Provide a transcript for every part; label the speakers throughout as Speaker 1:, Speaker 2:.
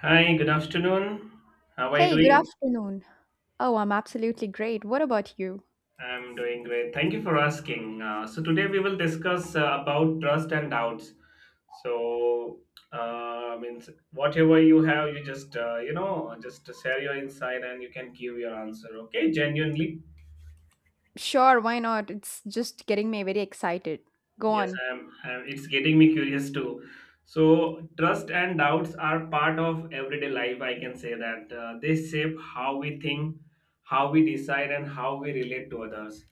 Speaker 1: Hi, good afternoon. How are you
Speaker 2: Hey, good
Speaker 1: doing?
Speaker 2: afternoon. Oh, I'm absolutely great. What about you?
Speaker 1: I'm doing great. Thank you for asking. So today we will discuss about trust and doubts. So, means whatever you have, you just just share your insight and you can give your answer. Okay, genuinely.
Speaker 2: Sure, why not? It's just getting me very excited. Go
Speaker 1: Yes,
Speaker 2: on.
Speaker 1: I'm, I'm. It's getting me curious too. So, trust and doubts are part of everyday life. I can say that they shape how we think, how we decide, and how we relate to others.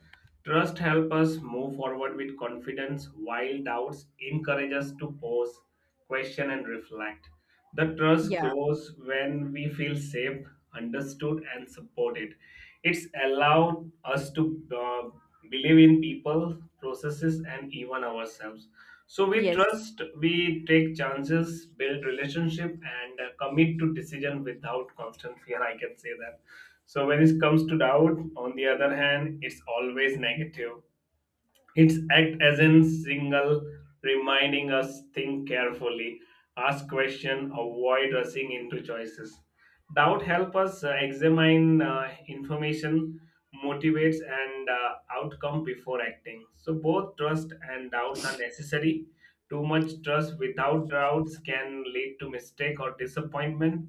Speaker 1: Trust helps us move forward with confidence, while doubts encourage us to pause, question, and reflect. The trust
Speaker 2: Yeah.
Speaker 1: grows when we feel safe, understood, and supported. It's allowed us to believe in people, processes, and even ourselves. So we
Speaker 2: Yes.
Speaker 1: trust, we take chances, build relationship, and commit to decision without constant fear. I can say that. So when it comes to doubt, on the other hand, it's always negative, it's act as a single reminding us think carefully, ask question, avoid rushing into choices. Doubt help us examine information, motivates and outcome before acting. So both trust and doubts are necessary. Too much trust without doubts can lead to mistake or disappointment.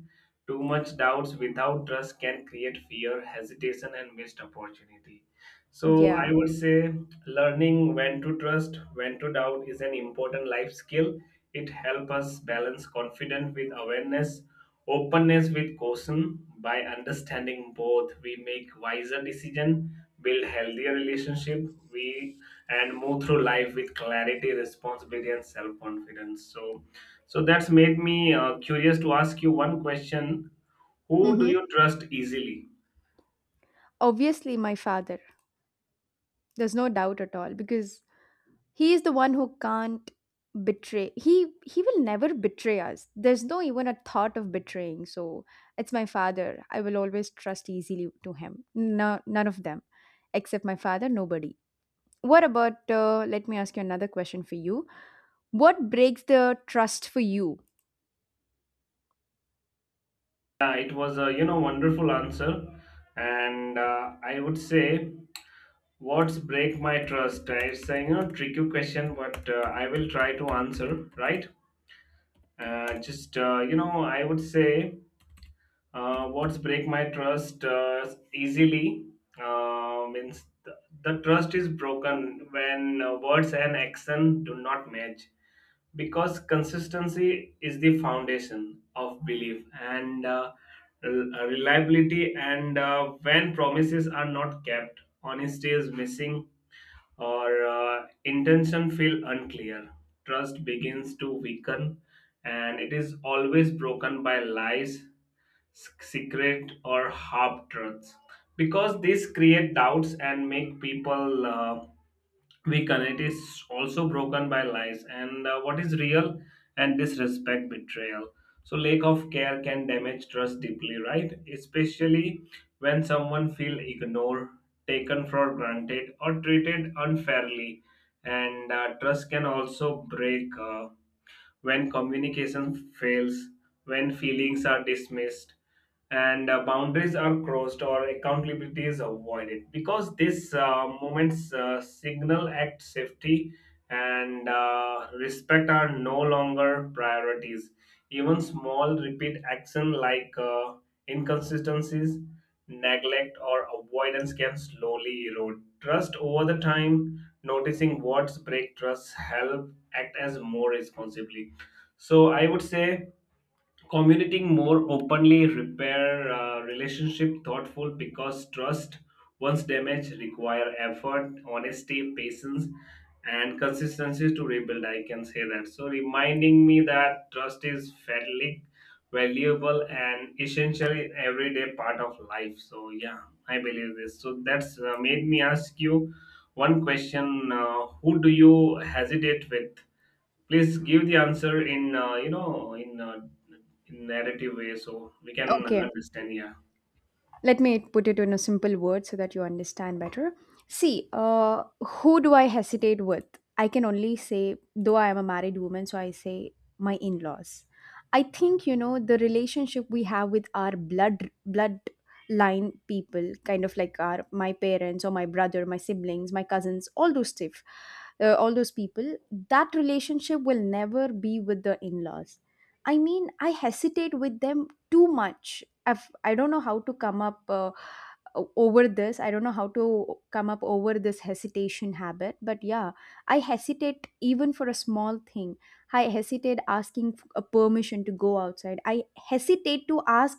Speaker 1: Too much doubts without trust can create fear, hesitation, and missed opportunity. So I
Speaker 2: Yeah.
Speaker 1: would say learning when to trust, when to doubt is an important life skill. It helps us balance confidence with awareness, openness with caution. By understanding both, we make wiser decisions, build healthier relationship, we and move through life with clarity, responsibility, and self-confidence. So that's made me curious to ask you one question: who do
Speaker 2: Mm-hmm.
Speaker 1: you trust easily?
Speaker 2: Obviously, my father. There's no doubt at all because he is the one who can't betray. He will never betray us. There's no even a thought of betraying. So it's my father. I will always trust easily to him. No, none of them, except my father. Nobody. What about? Let me ask you another question for you. What breaks the trust for you?
Speaker 1: Yeah, it was a wonderful answer, and I would say what's break my trust. It's a tricky question, but I will try to answer right. I would say what's break my trust easily means the trust is broken when words and action do not match because consistency is the foundation of belief and reliability, and when promises are not kept, honesty is missing or intention feel unclear, trust begins to weaken, and it is always broken by lies, secret or half truths because these create doubts and make people weaken. It is also broken by lies and what is real and disrespect, betrayal. So lack of care can damage trust deeply, right? Especially when someone feel ignored, taken for granted, or treated unfairly. And trust can also break. When communication fails, when feelings are dismissed, and boundaries are crossed or accountability is avoided because these moments signal act safety and respect are no longer priorities. Even small repeat action like inconsistencies, neglect or avoidance can slowly erode trust over the time. Noticing what's break trust help act as more responsibly, so I would say communicating more openly repair relationship thoughtful because trust once damaged require effort, honesty, patience, and consistency to rebuild. I can say that. So reminding me that trust is fairly valuable and essentially everyday part of life. So yeah, I believe this. So that's made me ask you one question: who do you hesitate with? Please give the answer in in narrative way so we can
Speaker 2: Okay,
Speaker 1: understand. Yeah.
Speaker 2: let me put it in a simple word so that you understand better. See, who do I hesitate with? I can only say, though I am a married woman, so I say my in-laws. I think, the relationship we have with our bloodline people, kind of like our my parents or my brother, my siblings, my cousins, all those stuff, all those people, that relationship will never be with the in-laws. I mean I hesitate with them too much. I don't know how to come up over this. I don't know how to come up over this hesitation habit. But yeah, I hesitate even for a small thing. I hesitate asking a permission to go outside. I hesitate to ask,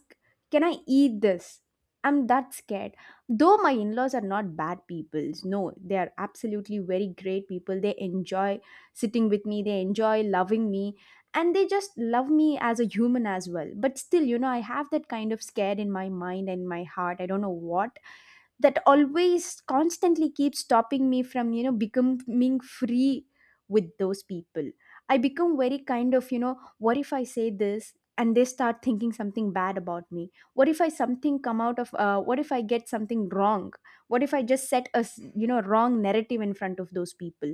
Speaker 2: can I eat this? I'm that scared. Though my in laws are not bad people, no, they are absolutely very great people. They enjoy sitting with me, they enjoy loving me, and they just love me as a human as well. But still, I have that kind of scared in my mind and my heart. I don't know what, that always constantly keeps stopping me from becoming free with those people. I become very kind of, what if I say this and they start thinking something bad about me? What if I something come out of, what if I get something wrong, what if I just set a wrong narrative in front of those people?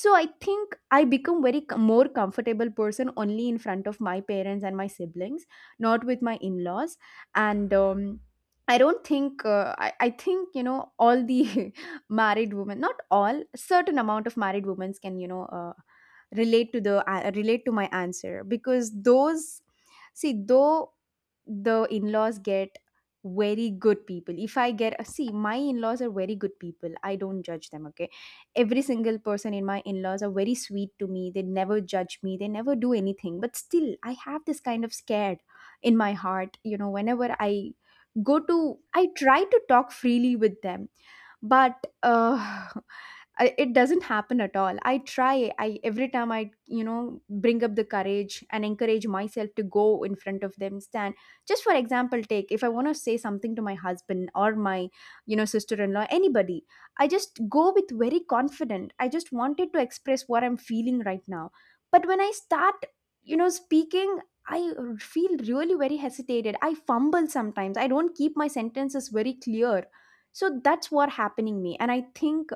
Speaker 2: So I think I become very more comfortable person only in front of my parents and my siblings, not with my in-laws. And I don't think I think all the married women, not all, certain amount of married women can relate to my answer, because those, see, though the in-laws get very good people. If I get See, my in-laws are very good people, I don't judge them, okay. Every single person in my in-laws are very sweet to me, they never judge me, they never do anything, but still I have this kind of scared in my heart. Whenever I go to, I try to talk freely with them, but it doesn't happen at all. I try, I every time I bring up the courage and encourage myself to go in front of them, stand. Just for example, take if I want to say something to my husband or my, sister-in-law, anybody, I just go with very confident. I just wanted to express what I'm feeling right now, but when I start speaking, I feel really very hesitated. I fumble sometimes. I don't keep my sentences very clear. So that's what happening me. And I think,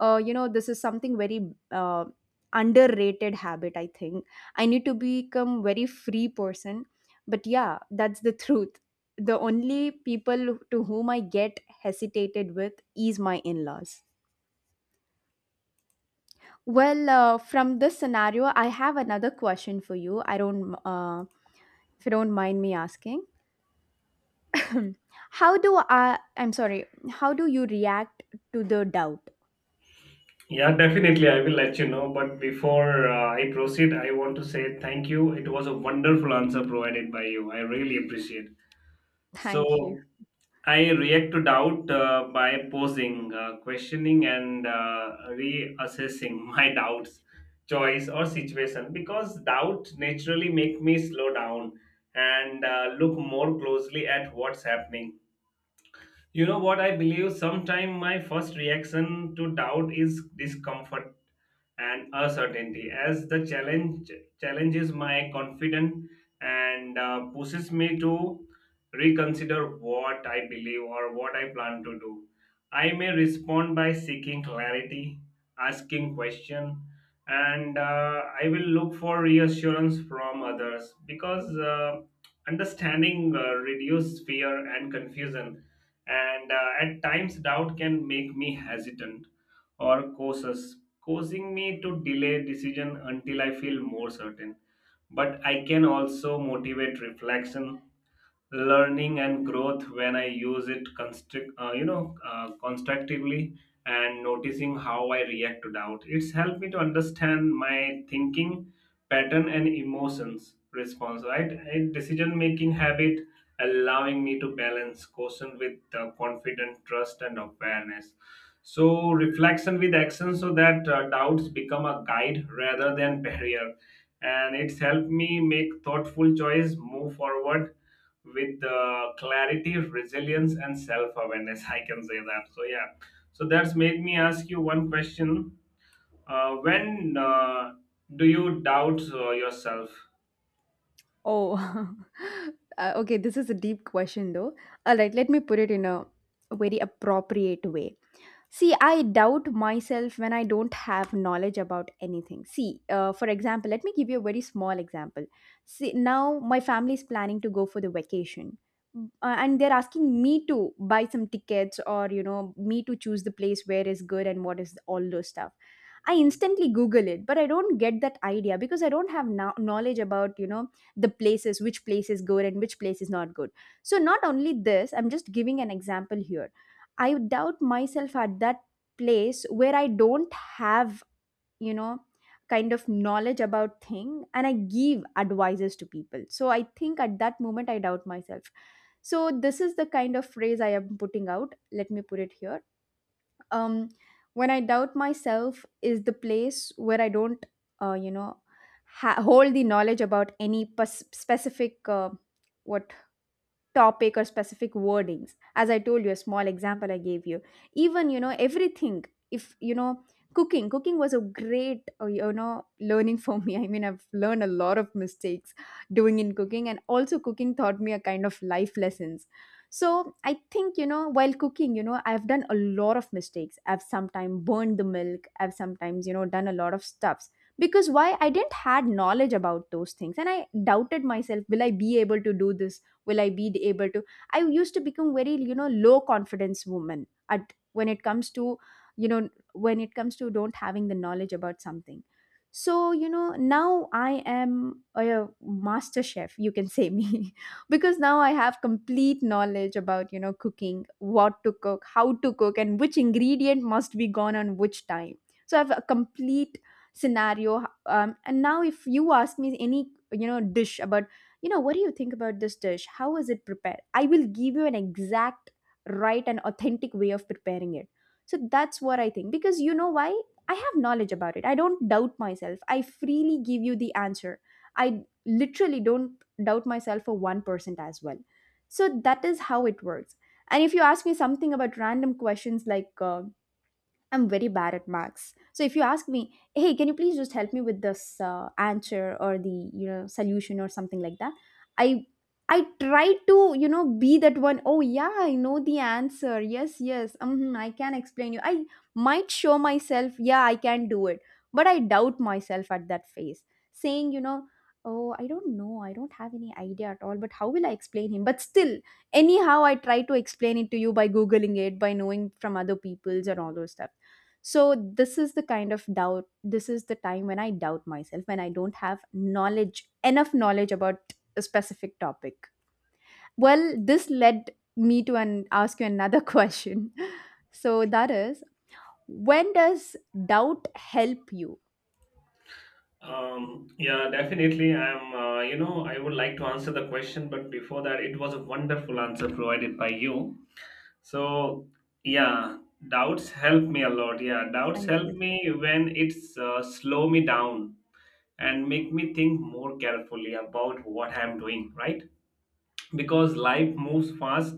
Speaker 2: this is something very underrated habit. I think I need to become very free person. But yeah, that's the truth. The only people to whom I get hesitated with is my in-laws. Well, from this scenario, I have another question for you. I don't, If you don't mind me asking. How do I, I'm sorry, how do you react to the doubt?
Speaker 1: Yeah, definitely. I will let you know. But before I proceed, I want to say thank you. It was a wonderful answer provided by you. I really appreciate.
Speaker 2: Thank you.
Speaker 1: So I react to doubt by posing, questioning, and reassessing my doubts, choice, or situation because doubt naturally make me slow down and look more closely at what's happening. You know what I believe? Sometimes my first reaction to doubt is discomfort and uncertainty as the challenge challenges my confidence and pushes me to reconsider what I believe or what I plan to do. I may respond by seeking clarity, asking question, and I will look for reassurance from others because understanding reduces fear and confusion. And at times, doubt can make me hesitant or causes causing me to delay decision until I feel more certain. But I can also motivate reflection, learning and growth when I use it constructively, and noticing how I react to doubt. It's helped me to understand my thinking pattern and emotions response. Right, and decision making habit, allowing me to balance caution with confident trust and awareness. So reflection with action, so that doubts become a guide rather than barrier, and it's helped me make thoughtful choice, move forward with clarity, resilience, and self awareness. I can say that. So, yeah. So, that's made me ask you one question. When do you doubt yourself?
Speaker 2: Oh, okay. This is a deep question, though. All right, let me put it in a very appropriate way. See, I doubt myself when I don't have knowledge about anything. See, for example, let me give you a very small example. See, now my family is planning to go for the vacation. And they're asking me to buy some tickets, or me to choose the place where is good and what is all those stuff. I instantly google it, but I don't get that idea because I don't have knowledge about the places, which place is good and which place is not good. So not only this, I'm just giving an example here. I doubt myself at that place where I don't have you know kind of knowledge about thing, and I give advices to people. So I think at that moment I doubt myself. So this is the kind of phrase I am putting out, let me put it here. um, when I doubt myself is the place where I don't, uh, you know, hold the knowledge about any specific, what topic or specific wordings, as I told you, a small example I gave you. Even everything, if you know cooking, cooking was a great learning for me. I mean I've learned a lot of mistakes doing in cooking, and also cooking taught me a kind of life lessons. So I think, while cooking, I've done a lot of mistakes, I've sometimes burned the milk, I've sometimes done a lot of stuffs, because why I didn't had knowledge about those things, and I doubted myself, will I be able to do this, will I be able to I used to become very low confidence woman at, when it comes to you know when it comes to don't having the knowledge about something. So now I am a master chef, you can say me. Because now I have complete knowledge about cooking, what to cook, how to cook, and which ingredient must be gone on which time. So I have a complete scenario. And now if you ask me any dish about, what do you think about this dish, how is it prepared, I will give you an exact, right, and authentic way of preparing it. So that's what I think, because why I have knowledge about it, I don't doubt myself, I freely give you the answer. I literally don't doubt myself for 1% as well. So that is how it works. And if you ask me something about random questions, like I'm very bad at marks. So if you ask me, hey, can you please just help me with this answer or the solution or something like that, I I try to be that one. Oh yeah, I know the answer. Yes, yes. I can explain you. I might show myself. Yeah, I can do it, but I doubt myself at that phase, saying. Oh, I don't know. I don't have any idea at all. But how will I explain him? But still, anyhow, I try to explain it to you by googling it, by knowing from other people's and all those stuff. So this is the kind of doubt, this is the time when I doubt myself, when I don't have knowledge, enough knowledge about a specific topic. Well, this led me to ask you another question. So that is, when does doubt help you?
Speaker 1: Yeah, definitely. I would like to answer the question, but before that, it was a wonderful answer provided by you. So, yeah, doubts help me a lot. Yeah, doubts
Speaker 2: Thank
Speaker 1: help
Speaker 2: you.
Speaker 1: me when it's slow me down and make me think more carefully about what I'm doing, right? Because life moves fast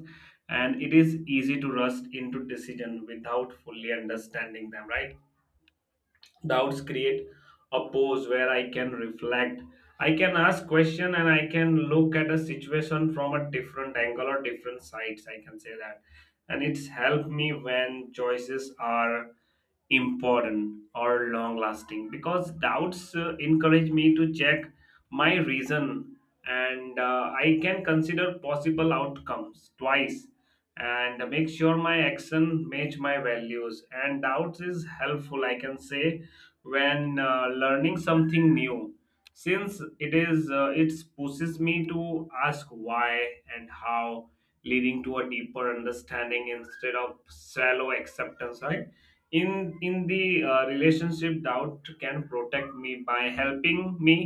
Speaker 1: and it is easy to rust into decision without fully understanding them, right? Doubts create a pause where I can reflect, I can ask question and I can look at a situation from a different angle or different sides, I can say that. And it's helped me when choices are important or long lasting because doubts encourage me to check my reason, and I can consider possible outcomes twice and make sure my action match my values, and doubts is helpful, I can say, when learning something new since it is it pushes me to ask why and how, leading to a deeper understanding instead of shallow acceptance, right? In the relationship, doubt can protect me by helping me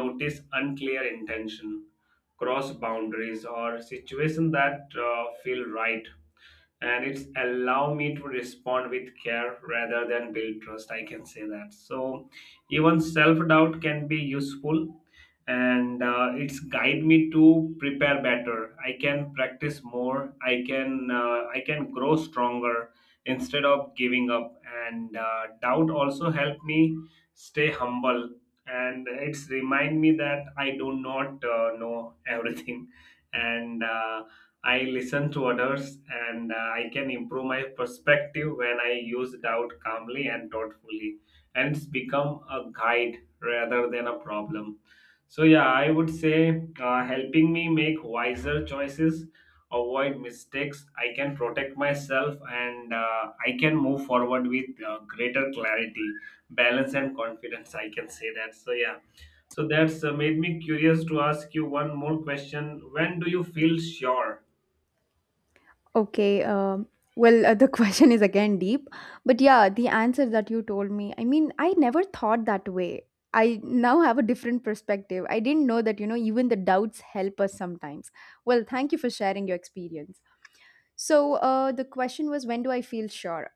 Speaker 1: notice unclear intention, cross boundaries or situation that feel right, and it's allow me to respond with care rather than build trust, I can say that. So even self-doubt can be useful, and it's guide me to prepare better, I can practice more, I can grow stronger instead of giving up. And doubt also help me stay humble and it's remind me that I do not know everything, and I listen to others, and I can improve my perspective when I use doubt calmly and thoughtfully. And it's become a guide rather than a problem. So, yeah, I would say helping me make wiser choices, avoid mistakes. I can protect myself, and I can move forward with greater clarity, balance, and confidence. I can say that. So, yeah. So that's made me curious to ask you one more question. When do you feel sure?
Speaker 2: Okay, well, the question is again deep, but yeah, the answer that you told me, I mean, I never thought that way. I now have a different perspective. I didn't know that, even the doubts help us sometimes. Well, thank you for sharing your experience. So, the question was, when do I feel sure?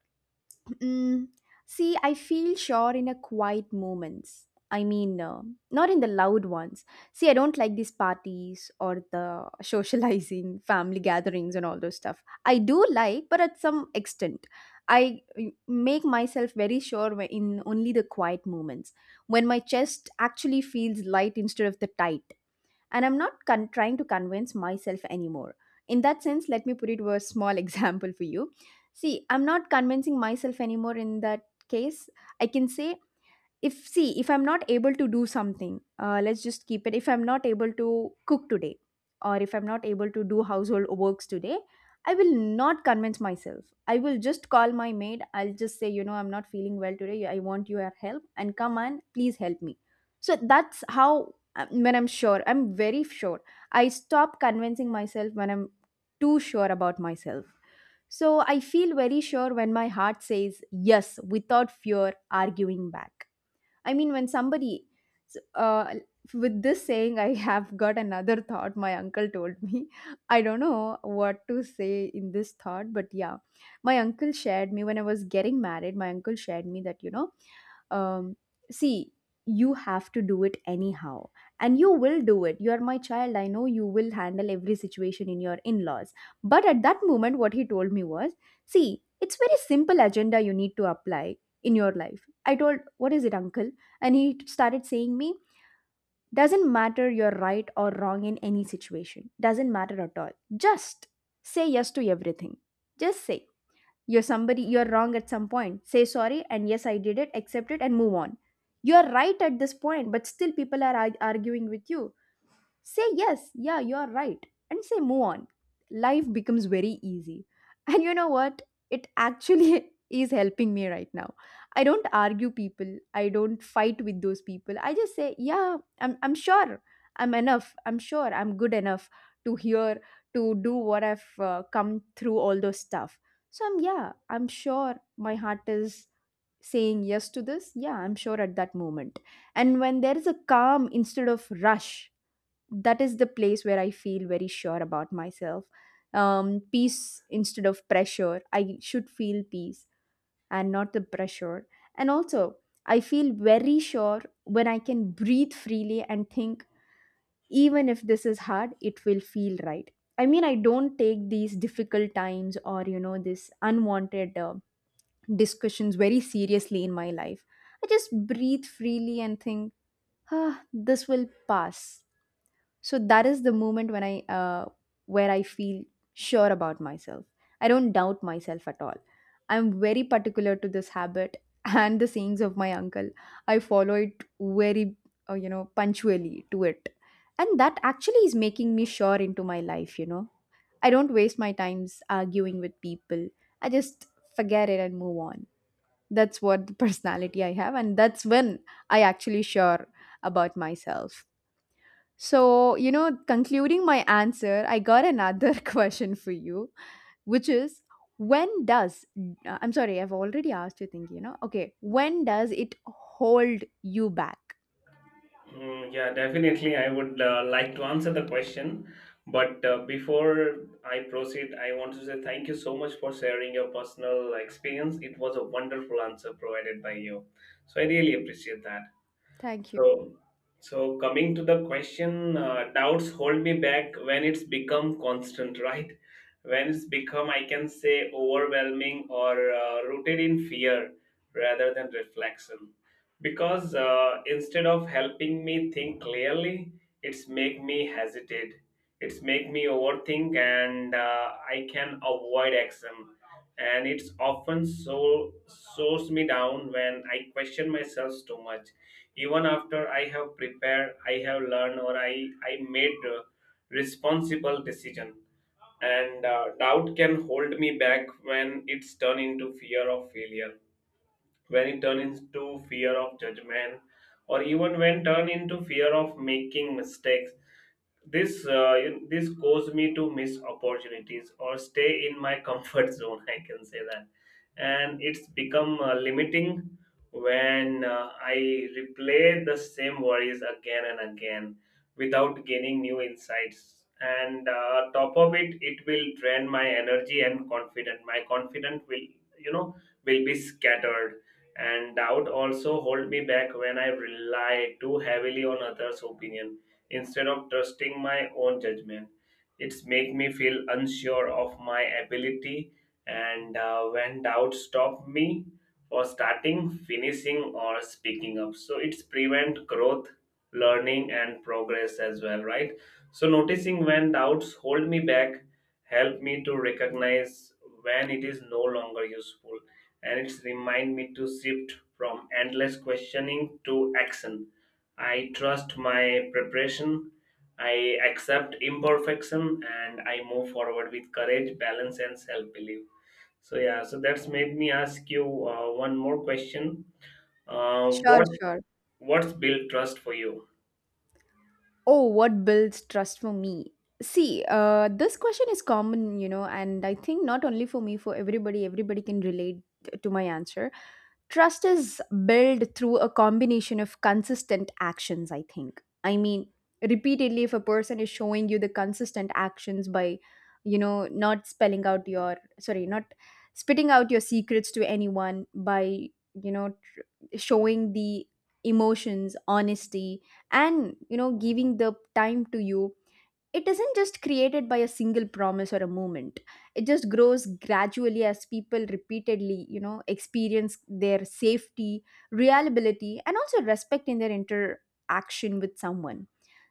Speaker 2: Mm, See, I feel sure in a quiet moments. I mean, not in the loud ones. See, I don't like these parties or the socializing, family gatherings, and all those stuff. I do like, but at some extent, I make myself very sure in only the quiet moments when my chest actually feels light instead of the tight, and I'm not con- trying to convince myself anymore. In that sense, let me put it with a small example for you. See, I'm not convincing myself anymore in that case. I can say, if I'm not able to do something, let's just keep it. If I'm not able to cook today, or if I'm not able to do household works today, I will not convince myself. I will just call my maid. I'll just say, you know, I'm not feeling well today, I want your help, and come and please help me. So that's how, when I'm sure, I'm very sure. I stop convincing myself when I'm too sure about myself. So I feel very sure when my heart says yes without fear arguing back. I mean, when somebody, s- uh, with this saying, I have got another thought my uncle told me. I don't know what to say in this thought, but yeah, my uncle shared me when I was getting married, my uncle shared me that, you know, um, see, you have to do it anyhow, and you will do it. You are my child. I know you will handle every situation in your in laws. But at that moment, what he told me was, see, it's very simple agenda you need to apply in your life. I told, what is it, uncle? And he started saying me, doesn't matter you're right or wrong in any situation, doesn't matter at all, just say yes to everything. Just say, you're somebody, you're wrong at some point, say sorry and yes I did it, accept it and move on. You're right at this point, but still people are arguing with you, say yes, yeah you are right, and say move on. Life becomes very easy. And you know what, it actually is helping me right now. I don't argue people, I don't fight with those people, I just say yeah I'm sure, I'm enough, I'm sure I'm good enough to hear, to do what I've come through all those stuff. So I'm, yeah, I'm sure. My heart is saying yes to this. Yeah, I'm sure at that moment. And when there is a calm instead of rush, that is the place where I feel very sure about myself. Peace instead of pressure. I should feel peace and not the pressure. And also, I feel very sure when I can breathe freely and think, even if this is hard, it will feel right. I mean, I don't take these difficult times or, you know, this unwanted discussions very seriously in my life. I just breathe freely and think, ah, this will pass. So that is the moment when I where I feel sure about myself. I don't doubt myself at all. I'm very particular to this habit and the sayings of my uncle. I follow it very, you know, punctually to it. And that actually is making me sure into my life, you know. I don't waste my times arguing with people. I just forget it and move on. That's what the personality I have, and that's when I actually sure about myself. So, you know, concluding my answer, I got another question for you, which is, when does, I'm sorry, I've already asked you, thinking, you know, okay, when does it hold you back?
Speaker 1: Mm, yeah, definitely. I would like to answer the question. But before I proceed, I want to say thank you so much for sharing your personal experience. It was a wonderful answer provided by you. So I really appreciate that.
Speaker 2: Thank you.
Speaker 1: So, so coming to the question, doubts hold me back when it's become constant, right? When it's become, I can say, overwhelming or rooted in fear rather than reflection. Because instead of helping me think clearly, it's make me hesitate. It's make me overthink, and I can avoid action. And it's often so slows me down when I question myself too much even after I have prepared, I have learned, or i made responsible decision. And doubt can hold me back when it's turned into fear of failure, when it turns into fear of judgment, or even when turned into fear of making mistakes. This this caused me to miss opportunities or stay in my comfort zone, I can say that. And it's become limiting when I replay the same worries again and again without gaining new insights, and top of it, it will drain my energy and confidence. My confidence will, you know will be scattered. And doubt also hold me back when I rely too heavily on others opinion instead of trusting my own judgment. It's make me feel unsure of my ability, and when doubt stop me for starting, finishing or speaking up, so it's prevent growth, learning and progress as well, right? So noticing when doubts hold me back help me to recognize when it is no longer useful, and it's remind me to shift from endless questioning to action. I trust my preparation, I accept imperfection, and I move forward with courage, balance, and self belief. So yeah, so that's made me ask you one more question. Uh,
Speaker 2: Sure,
Speaker 1: what
Speaker 2: sure.
Speaker 1: what's built trust for you?
Speaker 2: Oh, what builds trust for me? See, this question is common, you know, and I think not only for me, for everybody, everybody can relate to my answer. Trust is built through a combination of consistent actions, I think. I mean, repeatedly, if a person is showing you the consistent actions by, you know, not spelling out your, sorry, not spitting out your secrets to anyone, by, you know, showing the emotions, honesty, and, you know, giving the time to you. It isn't just created by a single promise or a moment. It just grows gradually as people repeatedly, you know, experience their safety, reliability, and also respect in their interaction with someone.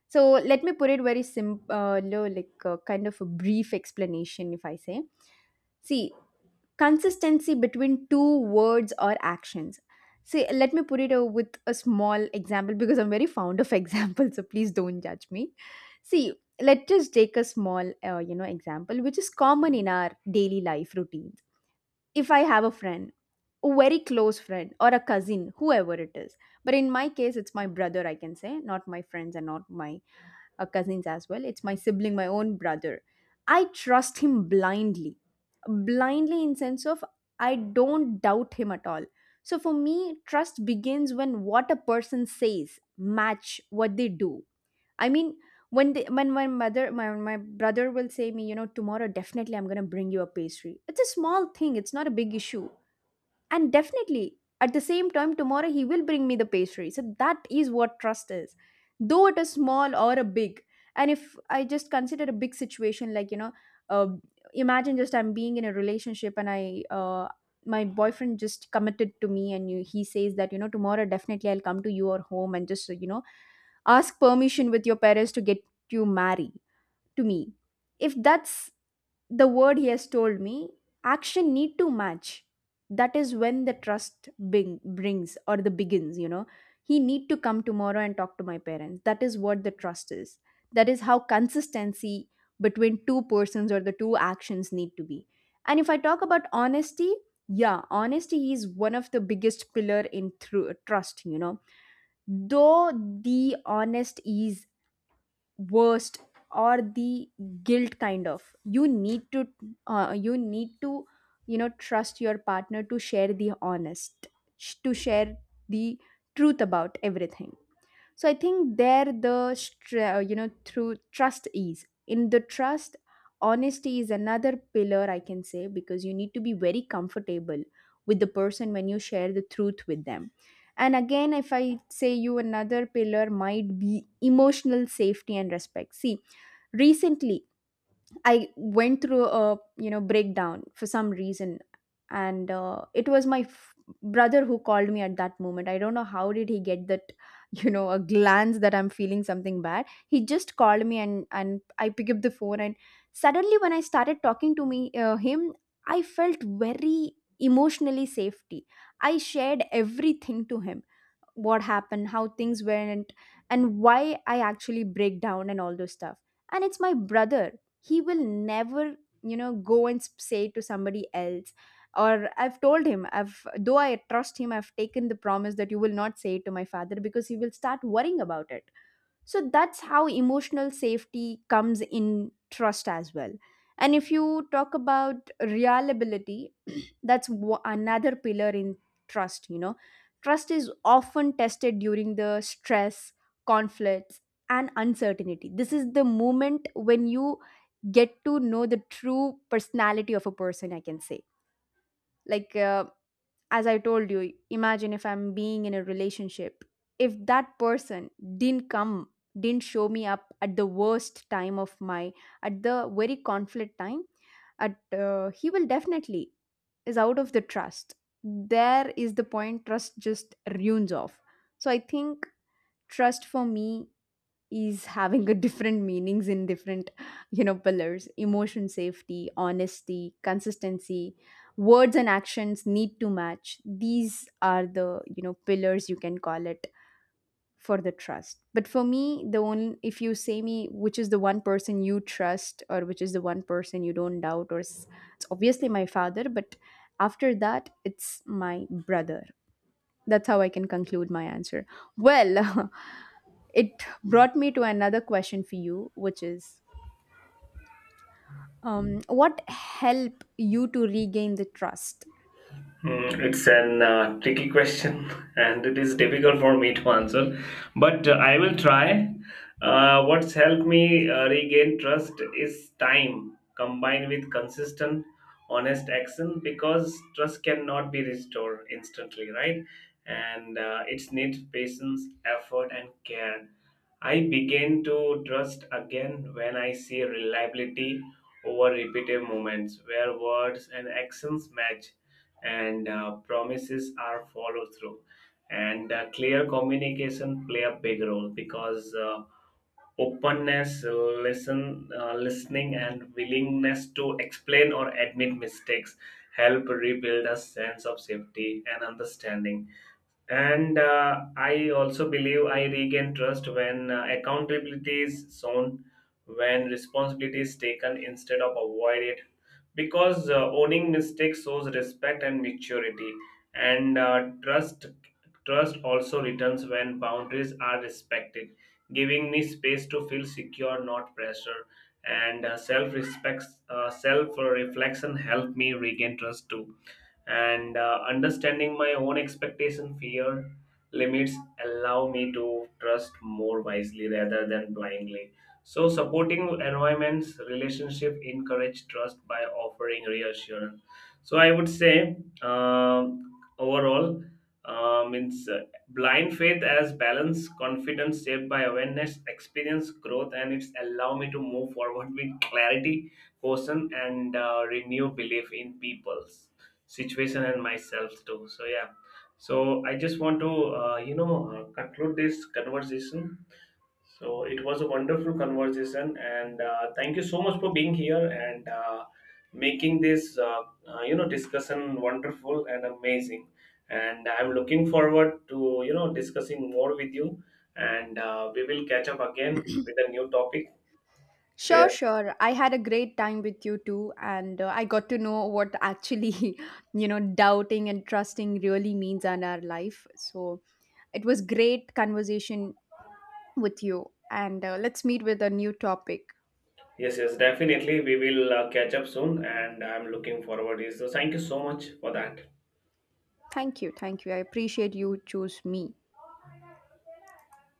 Speaker 2: So let me put it very simple, low, like, kind of a brief explanation, if I say, see, consistency between two words or actions. See, let me put it, with a small example, because I'm very fond of examples, so please don't judge me. See, let's just take a small, you know, example which is common in our daily life routines. If I have a friend, a very close friend or a cousin, whoever it is, but in my case it's my brother, I can say, not my friends and not my cousins as well. It's my sibling, my own brother. I trust him blindly, blindly in sense of, I don't doubt him at all. So for me, trust begins when what a person says match what they do. I mean, when they, when my mother, my brother will say me, you know, tomorrow definitely I'm gonna bring you a pastry. It's a small thing. It's not a big issue, and definitely at the same time tomorrow he will bring me the pastry, so that is what trust is, though it is small or a big. And if I just consider a big situation, like, you know, uh, imagine just I'm being in a relationship and I, my boyfriend just committed to me, and you, he says that, you know, tomorrow definitely I'll come to your home and just, you know, ask permission with your parents to get you married to me. If that's the word he has told me, action need to match. That is when the trust brings or the begins, you know. He need to come tomorrow and talk to my parents. That is what the trust is. That is how consistency between two persons or the two actions need to be. And if I talk about honesty, yeah, honesty is one of the biggest pillar in through trust, you know. Though the honest is worst or the guilt kind of, you need to, you need to, you know, trust your partner to share the honest, to share the truth about everything. So I think there the you know, through trust is in the trust. Honesty is another pillar, I can say, because you need to be very comfortable with the person when you share the truth with them. And again, if I say you another pillar, might be emotional safety and respect. See, recently I went through a, you know, breakdown for some reason, and it was my brother who called me at that moment. I don't know how did he get that you know, a glance that I'm feeling something bad. He just called me, and I picked up the phone, and suddenly when I started talking to me, him, I felt very emotionally safety. I shared everything to him, what happened, how things went, and why I actually break down and all those stuff. And it's my brother, he will never, you know, go and say to somebody else. Or I've told him, I've though I trust him, I've taken the promise that you will not say it to my father because he will start worrying about it. So that's how emotional safety comes in trust as well. And if you talk about reliability, that's another pillar in trust, you know. Trust is often tested during the stress, conflicts, and uncertainty. This is the moment when you get to know the true personality of a person, I can say. Like, as I told you, imagine if I'm being in a relationship. If that person didn't come, didn't show me up at the worst time of my, at the very conflict time, at, he will definitely is out of the trust. There is the point trust just ruins off. So I think trust for me is having a different meanings in different, you know, pillars, emotion safety, honesty, consistency, words and actions need to match. These are the, you know, pillars you can call it for the trust. But for me, the only, if you say me, which is the one person you trust, or which is the one person you don't doubt or s-, it's obviously my father, but after that, it's my brother. That's how I can conclude my answer. Well. It brought me to another question for you, which is, what helped you to regain the trust?
Speaker 1: Mm, it's an tricky question and it is difficult for me to answer, but I will try. What's helped me regain trust is time combined with consistent, honest action because trust cannot be restored instantly, right? And it needs patience, effort, and care. I begin to trust again when I see reliability over repetitive moments where words and actions match and promises are followed through. And clear communication play a big role because openness, listening and willingness to explain or admit mistakes help rebuild a sense of safety and understanding. And I also believe I regain trust when accountability is shown, when responsibility is taken instead of avoided. Because owning mistakes shows respect and maturity, and trust also returns when boundaries are respected, giving me space to feel secure, not pressure. And self respect, self reflection help me regain trust too, and understanding my own expectation, fear, limits allow me to trust more wisely rather than blindly. So supporting environments relationship encourage trust by offering reassurance, so I would say, um overall means blind faith as balance confidence shaped by awareness, experience, growth, and it's allow me to move forward with clarity, caution, and renew belief in peoples, situation and myself too. So yeah, so I just want to conclude this conversation. So it was a wonderful conversation, and thank you so much for being here and making this discussion wonderful and amazing, and I'm looking forward to discussing more with you, and we will catch up again with a new topic, so
Speaker 2: Sure,
Speaker 1: yeah.
Speaker 2: sure. I had a great time with you too, and I got to know what actually, you know, doubting and trusting really means in our life. So it was great conversation with you, and let's meet with a new topic.
Speaker 1: Yes, yes, definitely. We will catch up soon, and I'm looking forward to it. So, thank you so much for that.
Speaker 2: Thank you, thank you. I appreciate you choose me.